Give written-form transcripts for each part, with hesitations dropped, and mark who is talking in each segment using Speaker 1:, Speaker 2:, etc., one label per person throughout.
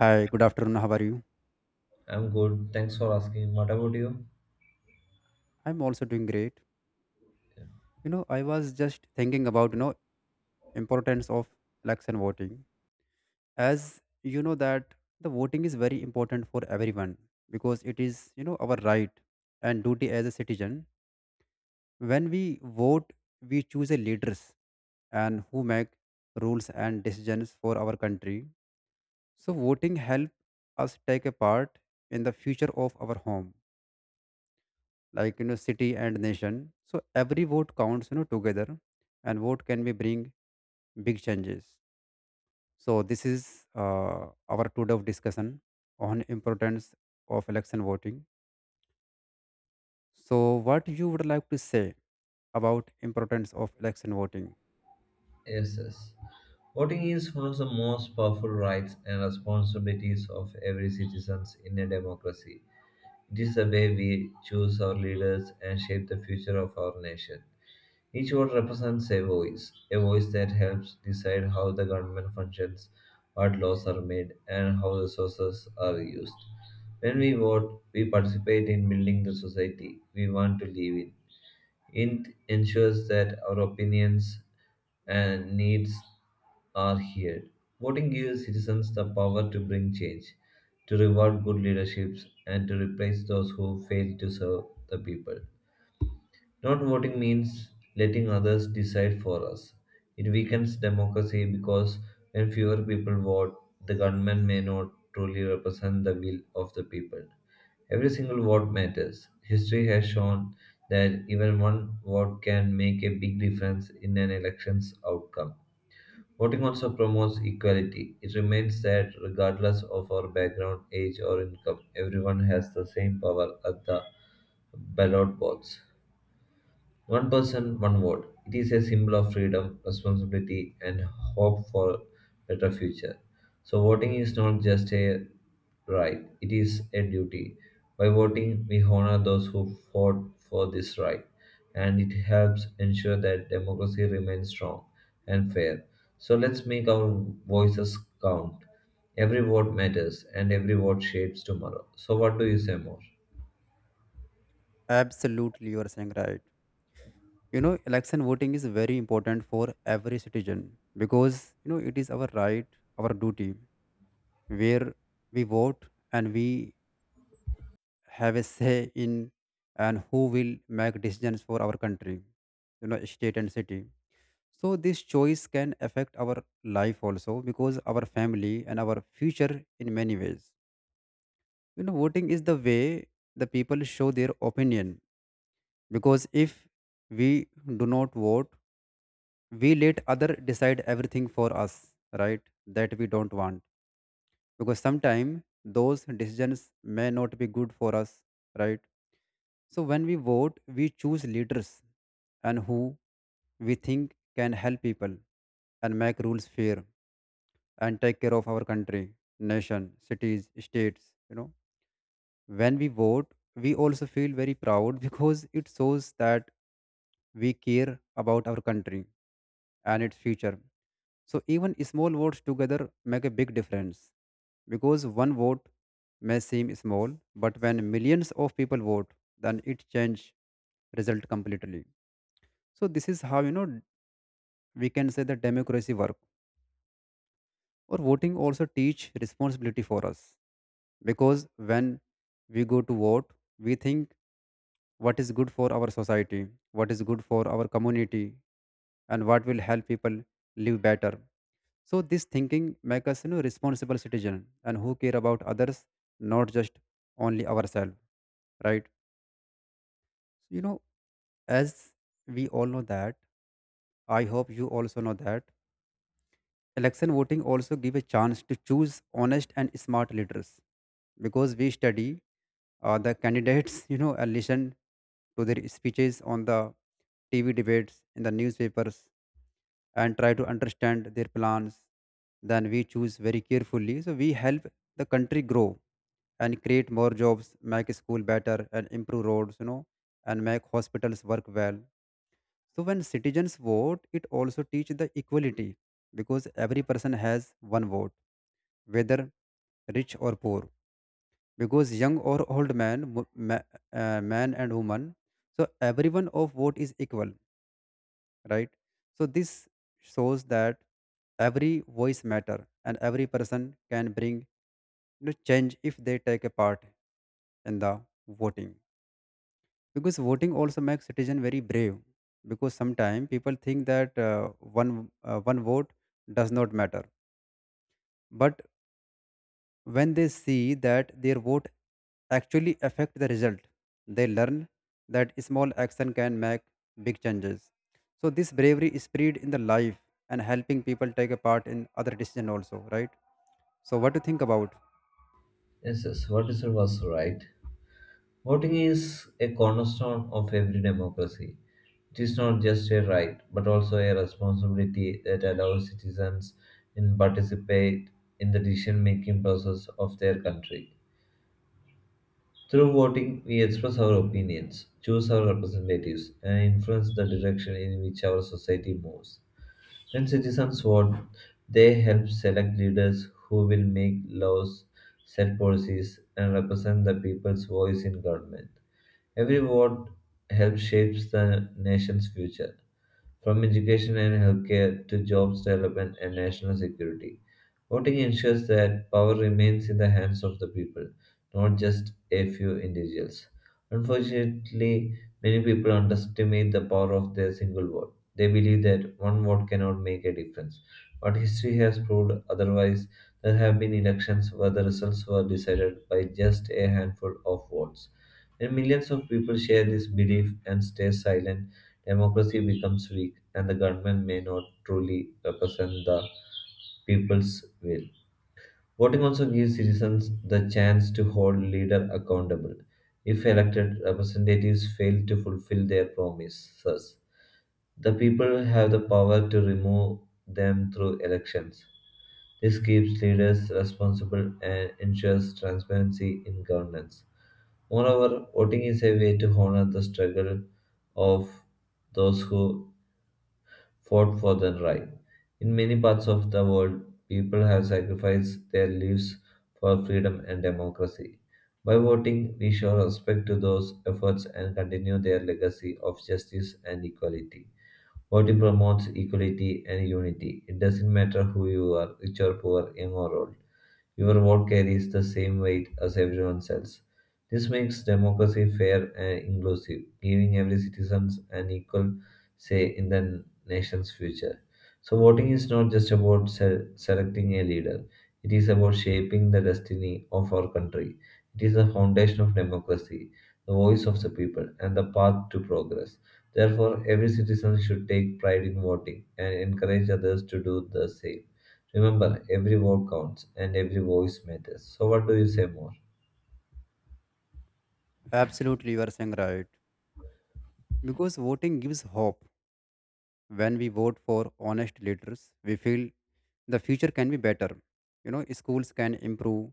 Speaker 1: Hi, good afternoon. How are you?
Speaker 2: I'm good. Thanks for asking. What about you?
Speaker 1: I'm also doing great. I was just thinking about importance of election voting. As you know that the voting is very important for everyone because it is our right and duty as a citizen. When we vote, we choose a leaders and who make rules and decisions for our country. So voting help us take a part in the future of our home, like, city and nation. So every vote counts, together, and vote can be bring big changes. So this is our today of discussion on importance of election voting. So what you would like to say about importance of election voting?
Speaker 2: Yes, yes. Voting is one of the most powerful rights and responsibilities of every citizen in a democracy. It is the way we choose our leaders and shape the future of our nation. Each vote represents a voice that helps decide how the government functions, what laws are made, and how resources are used. When we vote, we participate in building the society we want to live in. It ensures that our opinions and needs are heard. Voting gives citizens the power to bring change, to reward good leaderships, and to replace those who fail to serve the people. Not voting means letting others decide for us. It weakens democracy because when fewer people vote, the government may not truly represent the will of the people. Every single vote matters. History has shown that even one vote can make a big difference in an election's outcome. Voting also promotes equality. It remains that regardless of our background, age, or income, everyone has the same power at the ballot box. One person, one vote. It is a symbol of freedom, responsibility, and hope for better future. So voting is not just a right; it is a duty. By voting, we honor those who fought for this right, and it helps ensure that democracy remains strong and fair. So let's make our voices count. Every vote matters, and every vote shapes tomorrow. So, what do you say more?
Speaker 1: Absolutely, you are saying right. Election voting is very important for every citizen because, it is our right, our duty, where we vote and we have a say in and who will make decisions for our country, state and city. So this choice can affect our life also, because our family and our future in many ways. Voting is the way the people show their opinion, because if we do not vote, we let other decide everything for us, right? That we don't want, because sometimes those decisions may not be good for us, right? So when we vote, we choose leaders and who we think can help people and make rules fair and take care of our country, nation, cities, states. When we vote, we also feel very proud because it shows that we care about our country and its future. So even small votes together make a big difference, because one vote may seem small, but when millions of people vote, then it changes result completely. So this is how, we can say that democracy work, or voting also teach responsibility for us, because when we go to vote, we think what is good for our society, what is good for our community, and what will help people live better. So this thinking makes us, responsible citizen and who care about others, not just only ourselves, right? You know, as we all know that, I hope you also know that election voting also give a chance to choose honest and smart leaders, because we study the candidates, and listen to their speeches on the TV debates, in the newspapers, and try to understand their plans. Then we choose very carefully. So we help the country grow and create more jobs, make school better, and improve roads, and make hospitals work well. So when citizens vote, it also teaches the equality, because every person has one vote, whether rich or poor. Because young or old man, man and woman, so everyone of vote is equal, right? So this shows that every voice matter and every person can bring, change if they take a part in the voting, because voting also makes citizen very brave, because sometimes people think that one vote does not matter, but when they see that their vote actually affect the result, they learn that small action can make big changes. So this bravery is spread in the life and helping people take a part in other decision also, right? So what to think about?
Speaker 2: Yes, yes. What you was right. Voting is a cornerstone of every democracy. It is not just a right, but also a responsibility that allows citizens in participate in the decision-making process of their country. Through voting, we express our opinions, choose our representatives, and influence the direction in which our society moves. When citizens vote, they help select leaders who will make laws, set policies, and represent the people's voice in government. Every vote helps shape the nation's future from education and healthcare to jobs development and national security. Voting ensures that power remains in the hands of the people, not just a few individuals. Unfortunately, many people underestimate the power of their single vote. They believe that one vote cannot make a difference. But history has proved otherwise. There have been elections where the results were decided by just a handful of votes. And millions of people share this belief and stay silent, democracy becomes weak and the government may not truly represent the people's will. Voting also gives citizens the chance to hold leaders accountable. If elected representatives fail to fulfill their promises, the people have the power to remove them through elections. This keeps leaders responsible and ensures transparency in governance. Moreover, voting is a way to honor the struggle of those who fought for their right. In many parts of the world, people have sacrificed their lives for freedom and democracy. By voting, we show respect to those efforts and continue their legacy of justice and equality. Voting promotes equality and unity. It doesn't matter who you are, rich or poor, young or old. Your vote carries the same weight as everyone else's. This makes democracy fair and inclusive, giving every citizen an equal say in the nation's future. So, voting is not just about selecting a leader, it is about shaping the destiny of our country. It is the foundation of democracy, the voice of the people, and the path to progress. Therefore, every citizen should take pride in voting and encourage others to do the same. Remember, every word counts and every voice matters. So, what do you say more?
Speaker 1: Absolutely, you are saying right, because voting gives hope. When we vote for honest leaders, we feel the future can be better. Schools can improve,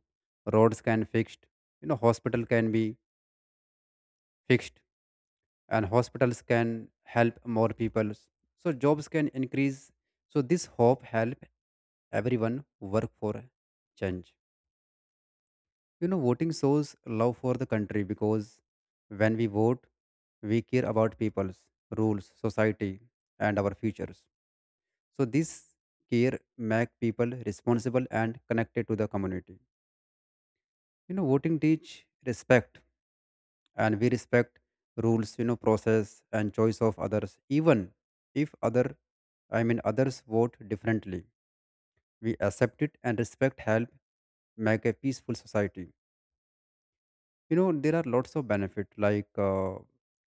Speaker 1: roads can fixed, hospital can be fixed, and hospitals can help more people. So jobs can increase. So this hope help everyone work for change. Voting shows love for the country, because when we vote, we care about people's rules, society, and our futures. So this care make people responsible and connected to the community. Voting teach respect, and we respect rules. Process and choice of others, even if other, I mean, others vote differently. We accept it and respect help make a peaceful society. There are lots of benefit, like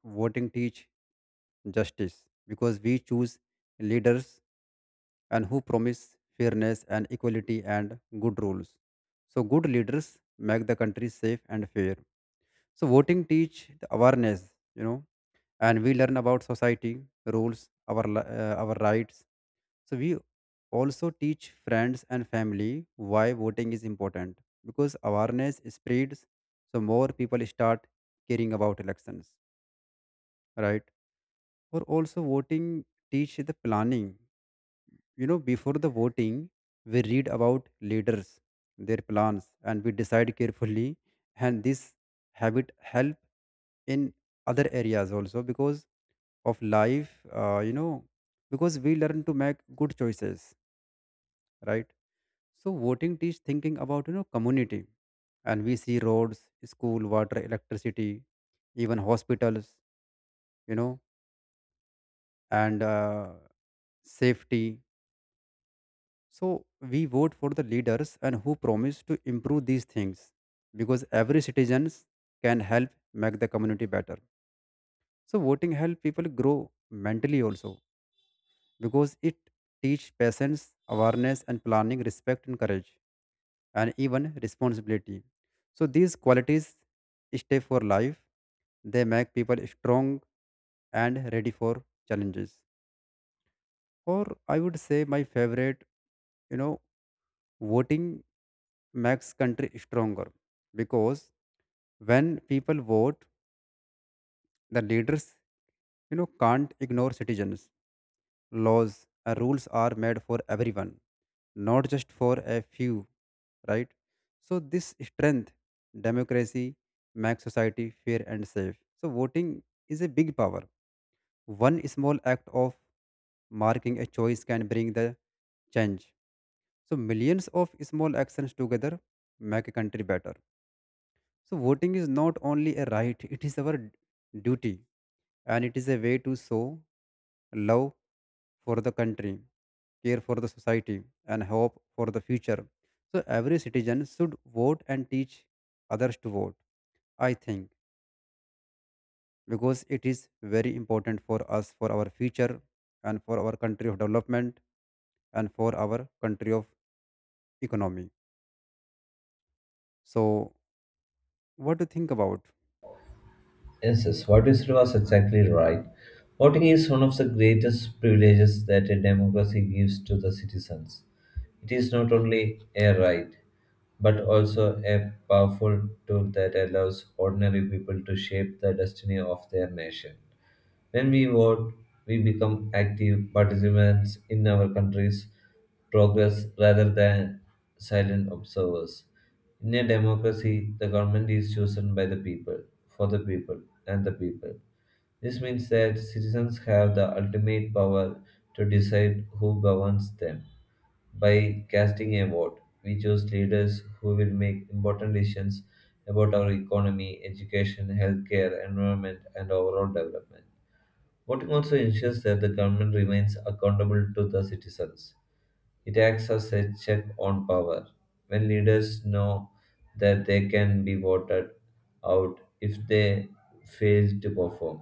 Speaker 1: voting teach justice, because we choose leaders and who promise fairness and equality and good rules. So good leaders make the country safe and fair. So voting teach the awareness, and we learn about society rules, our rights. So we also teach friends and family why voting is important, because awareness spreads, so more people start caring about elections, right? Or also voting teach the planning. Before the voting, we read about leaders, their plans, and we decide carefully. And this habit help in other areas also because of life, because we learn to make good choices, right? So voting teach thinking about, community, and we see roads, school, water, electricity, even hospitals. You know, and safety. So we vote for the leaders and who promise to improve these things, because every citizens can help make the community better. So voting help people grow mentally also, because it teach patience, awareness and planning, respect and courage and even responsibility. So these qualities stay for life. They make people strong and ready for challenges. Or I would say my favorite. You know Voting makes country stronger, because when people vote, the leaders, can't ignore citizens. Laws and rules are made for everyone, not just for a few, right? So this strength, democracy, makes society fair and safe. So voting is a big power. One small act of marking a choice can bring the change. So millions of small actions together make a country better. So voting is not only a right, it is our duty, and it is a way to show love for the country, care for the society, and hope for the future. So every citizen should vote and teach others to vote, I think, because it is very important for us, for our future and for our country of development and for our country of economy. So what do you think about?
Speaker 2: Yes, yes, what you said was exactly right. Voting is one of the greatest privileges that a democracy gives to the citizens. It is not only a right, but also a powerful tool that allows ordinary people to shape the destiny of their nation. When we vote, we become active participants in our country's progress rather than silent observers. In a democracy, the government is chosen by the people, for the people, and the people. This means that citizens have the ultimate power to decide who governs them. By casting a vote, we choose leaders who will make important decisions about our economy, education, healthcare, environment, and overall development. Voting also ensures that the government remains accountable to the citizens. It acts as a check on power. When leaders know that they can be voted out if they fail to perform,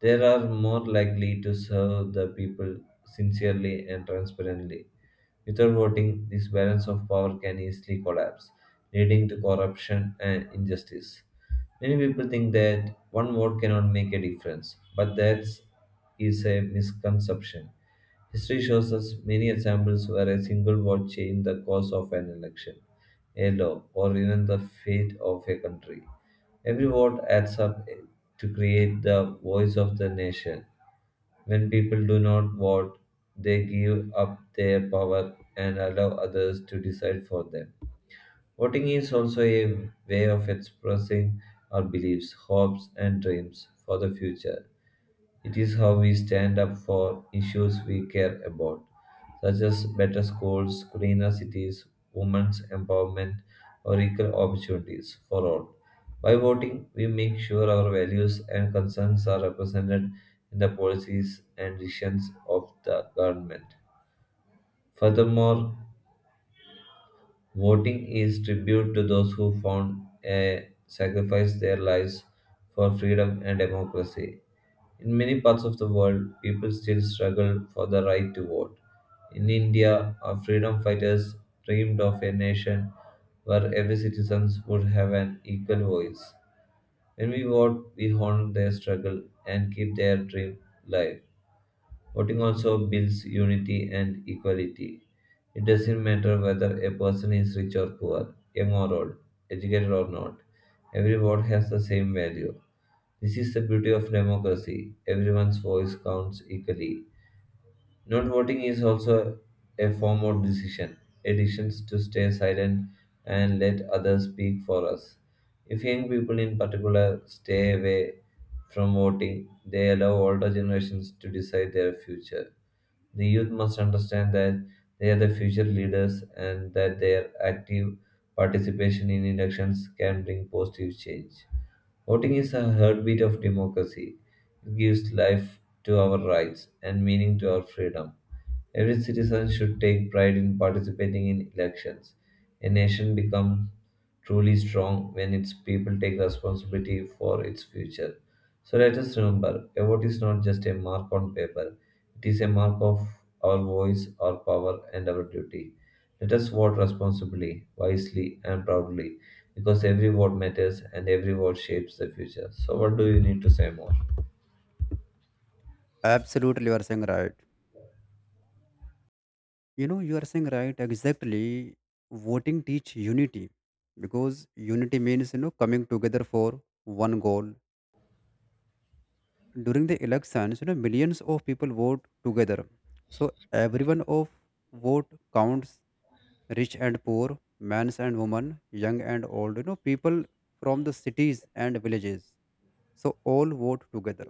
Speaker 2: they are more likely to serve the people sincerely and transparently. Without voting, this balance of power can easily collapse, leading to corruption and injustice. Many people think that one vote cannot make a difference, but that is a misconception. History shows us many examples where a single vote changed the course of an election, a law, or even the fate of a country. Every vote adds up to create the voice of the nation. When people do not vote, they give up their power and allow others to decide for them. Voting is also a way of expressing our beliefs, hopes, and dreams for the future. It is how we stand up for issues we care about, such as better schools, cleaner cities, women's empowerment, or equal opportunities for all. By voting, we make sure our values and concerns are represented in the policies and decisions of the government. Furthermore, voting is tribute to those who found a sacrifice their lives for freedom and democracy. In many parts of the world, people still struggle for the right to vote. In India, our freedom fighters dreamed of a nation where every citizen would have an equal voice. When we vote, we honor their struggle and keep their dream alive. Voting also builds unity and equality. It doesn't matter whether a person is rich or poor, young or old, educated or not. Every vote has the same value. This is the beauty of democracy. Everyone's voice counts equally. Not voting is also a form of decision, a decision to stay silent and let others speak for us. If young people in particular stay away from voting, they allow older generations to decide their future. The youth must understand that they are the future leaders and that their active participation in elections can bring positive change. Voting is a heartbeat of democracy. It gives life to our rights and meaning to our freedom. Every citizen should take pride in participating in elections. A nation becomes truly strong when its people take responsibility for its future. So let us remember a vote is not just a mark on paper, it is a mark of our voice, our power, and our duty. Let us vote responsibly, wisely, and proudly because every word matters and every word shapes the future. So, what do you need to say more?
Speaker 1: Absolutely, you are saying right. You are saying right. Exactly, voting teach unity, because unity means, coming together for one goal. During the elections, millions of people vote together, so everyone of vote counts. Rich and poor, men's and women, young and old. People from the cities and villages. So all vote together.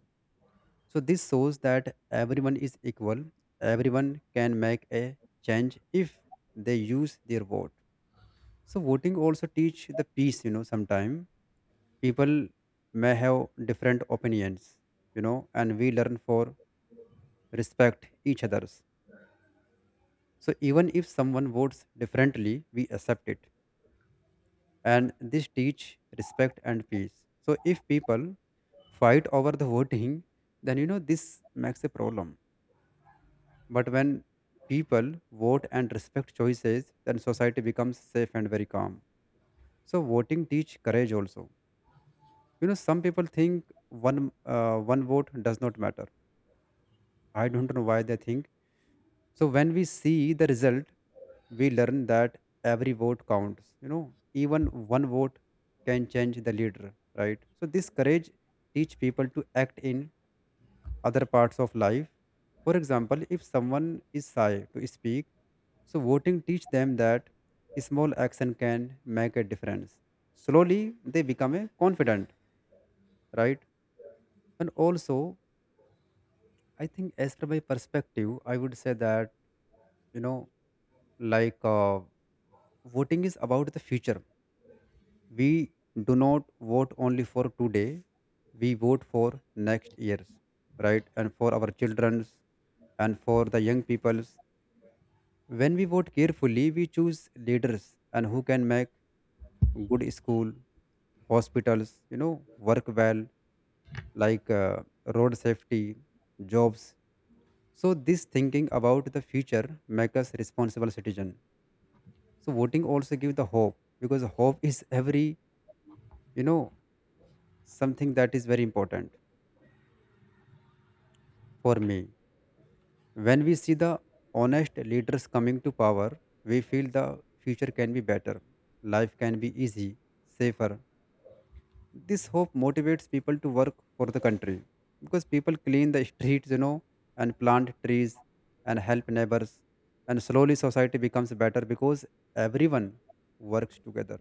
Speaker 1: So this shows that everyone is equal. Everyone can make a change if they use their vote. So voting also teach the peace, sometime people may have different opinions, and we learn for respect each other's. So even if someone votes differently, we accept it. And this teach respect and peace. So if people fight over the voting, then, this makes a problem. But when people vote and respect choices, then society becomes safe and very calm. So voting teach courage also. Some people think one vote does not matter. I don't know why they think. So when we see the result, we learn that every vote counts. Even one vote can change the leader, right? So this courage teach people to act in other parts of life. For example, if someone is shy to speak, so voting teach them that small action can make a difference. Slowly they become a confident, right? And also, I think, as per my perspective, I would say that, you know, like, voting is about the future. We do not vote only for today; we vote for next years, right? And for our childrens, and for the young peoples. When we vote carefully, we choose leaders and who can make good school, hospitals, work well, like road safety, jobs. So this thinking about the future make us responsible citizen. So voting also give the hope, because hope is every, you know something that is very important for me. When we see the honest leaders coming to power, we feel the future can be better, life can be easy, safer. This hope motivates people to work for the country, because people clean the streets, and plant trees, and help neighbors, and slowly society becomes better, because everyone works together.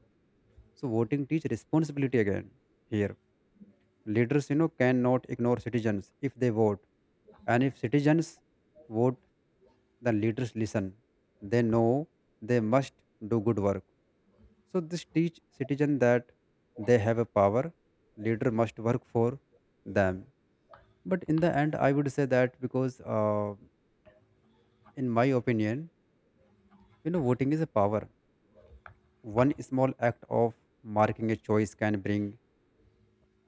Speaker 1: So voting teach responsibility again here. Leaders, cannot ignore citizens if they vote. And if citizens vote, the leaders listen. They know they must do good work. So this teach citizen that they have a power, leader must work for them. But in the end, I would say that, because, in my opinion, voting is a power. One small act of marking a choice can bring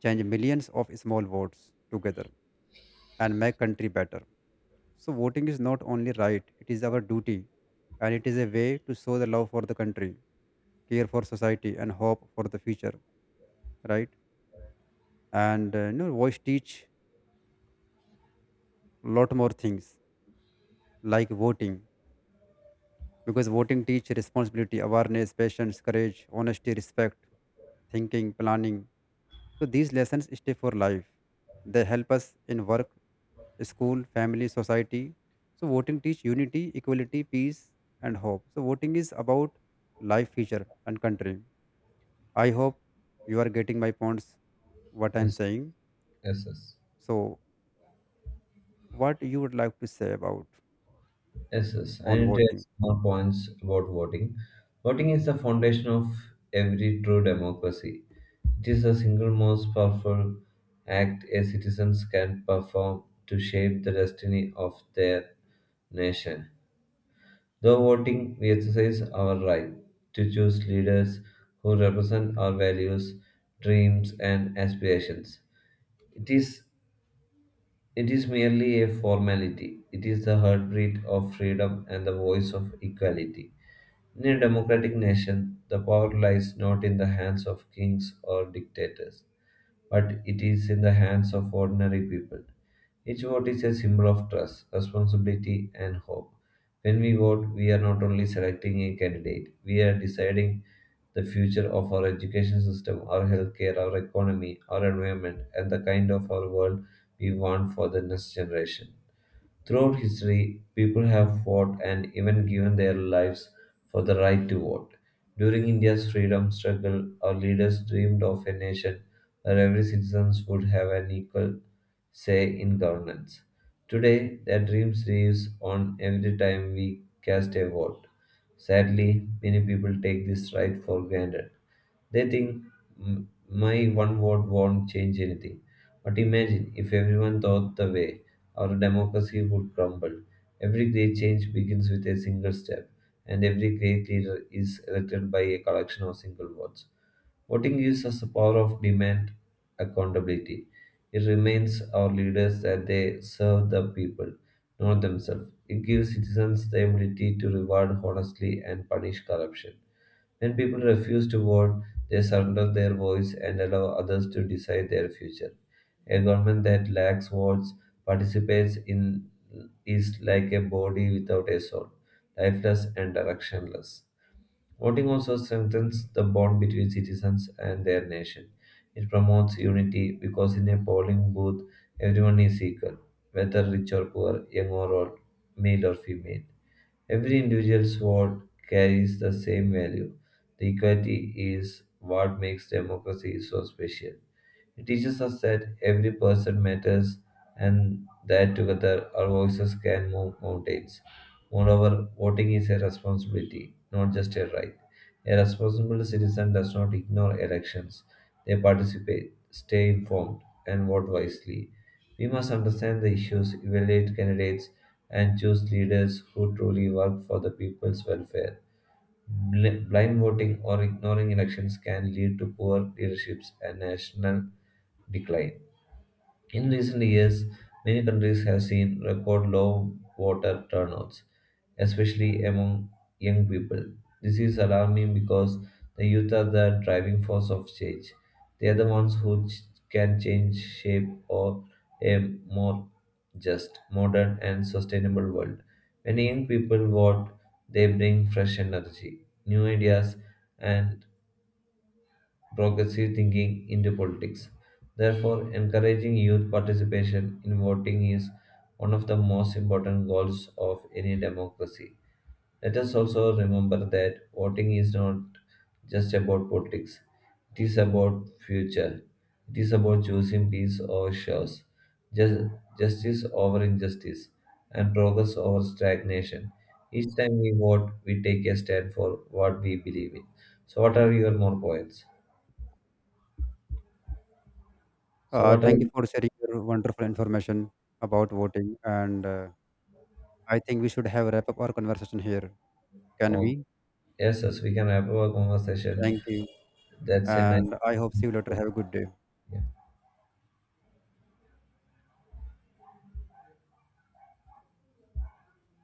Speaker 1: change. Millions of small votes together and make country better. So, voting is not only right, it is our duty, and it is a way to show the love for the country, care for society, and hope for the future, right? Voice teach lot more things, like voting, because voting teach responsibility, awareness, patience, courage, honesty, respect, thinking, planning. So these lessons stay for life. They help us in work, school, family, society. So voting teach unity, equality, peace, and hope. So voting is about life, future, and country. I hope you are getting my points. What I'm
Speaker 2: Yes,
Speaker 1: saying.
Speaker 2: yes, yes.
Speaker 1: So what you would like to say about
Speaker 2: Yes, yes. I
Speaker 1: on
Speaker 2: need to add
Speaker 1: voting?
Speaker 2: some more points about voting. Voting is the foundation of every true democracy. It is the single most powerful act a citizens can perform to shape the destiny of their nation. Though voting, we exercise our right to choose leaders who represent our values, dreams, and aspirations. It is it is merely a formality. It is the heartbeat of freedom and the voice of equality. In a democratic nation, the power lies not in the hands of kings or dictators but it is in the hands of ordinary people. Each vote is a symbol of trust, responsibility, and hope. When we vote, we are not only selecting a candidate, we are deciding the future of our education system, our healthcare, our economy, our environment, and the kind of our world we want for the next generation. Throughout history, people have fought and even given their lives for the right to vote. During India's freedom struggle, our leaders dreamed of a nation where every citizen would have an equal say in governance. Today, that dream lives on every time we cast a vote. Sadly, many people take this right for granted. They think, "M- my one vote won't change anything." But imagine if everyone thought the way, our democracy would crumble. Every great change begins with a single step, and every great leader is elected by a collection of single votes. Voting gives us the power of demand accountability. It reminds our leaders that they serve the people, not themselves. It gives citizens the ability to reward honestly and punish corruption. When people refuse to vote, they surrender their voice and allow others to decide their future. A government that lacks votes participates in is like a body without a soul, lifeless and directionless. Voting also strengthens the bond between citizens and their nation. It promotes unity because in a polling booth, everyone is equal, whether rich or poor, young or old, male or female. Every individual's vote carries the same value. The equality is what makes democracy so special. It teaches us that every person matters and that together our voices can move mountains. Moreover, voting is a responsibility, not just a right. A responsible citizen does not ignore elections, they participate, stay informed, and vote wisely. We must understand the issues, evaluate candidates, and choose leaders who truly work for the people's welfare. Blind voting or ignoring elections can lead to poor leaderships and national decline. In recent years, many countries have seen record low voter turnouts, especially among young people. This is alarming because the youth are the driving force of change. They are the ones who can change shape of a more just, modern, and sustainable world. When young people vote, they bring fresh energy, new ideas, and progressive thinking into politics. Therefore, encouraging youth participation in voting is one of the most important goals of any democracy. Let us also remember that voting is not just about politics. It is about future. It is about choosing peace over chaos, just, justice over injustice, and progress over stagnation. Each time we vote, we take a stand for what we believe in. So, what are your more points? So
Speaker 1: Uh,
Speaker 2: what
Speaker 1: thank
Speaker 2: else?
Speaker 1: you for sharing your wonderful information about voting, and I think we should have wrap up our conversation here. Can
Speaker 2: Oh,
Speaker 1: we?
Speaker 2: yes, yes, we can wrap up our conversation.
Speaker 1: Thank you,
Speaker 2: That's a nice.
Speaker 1: and I hope see you later. Have a good day.
Speaker 2: Yeah.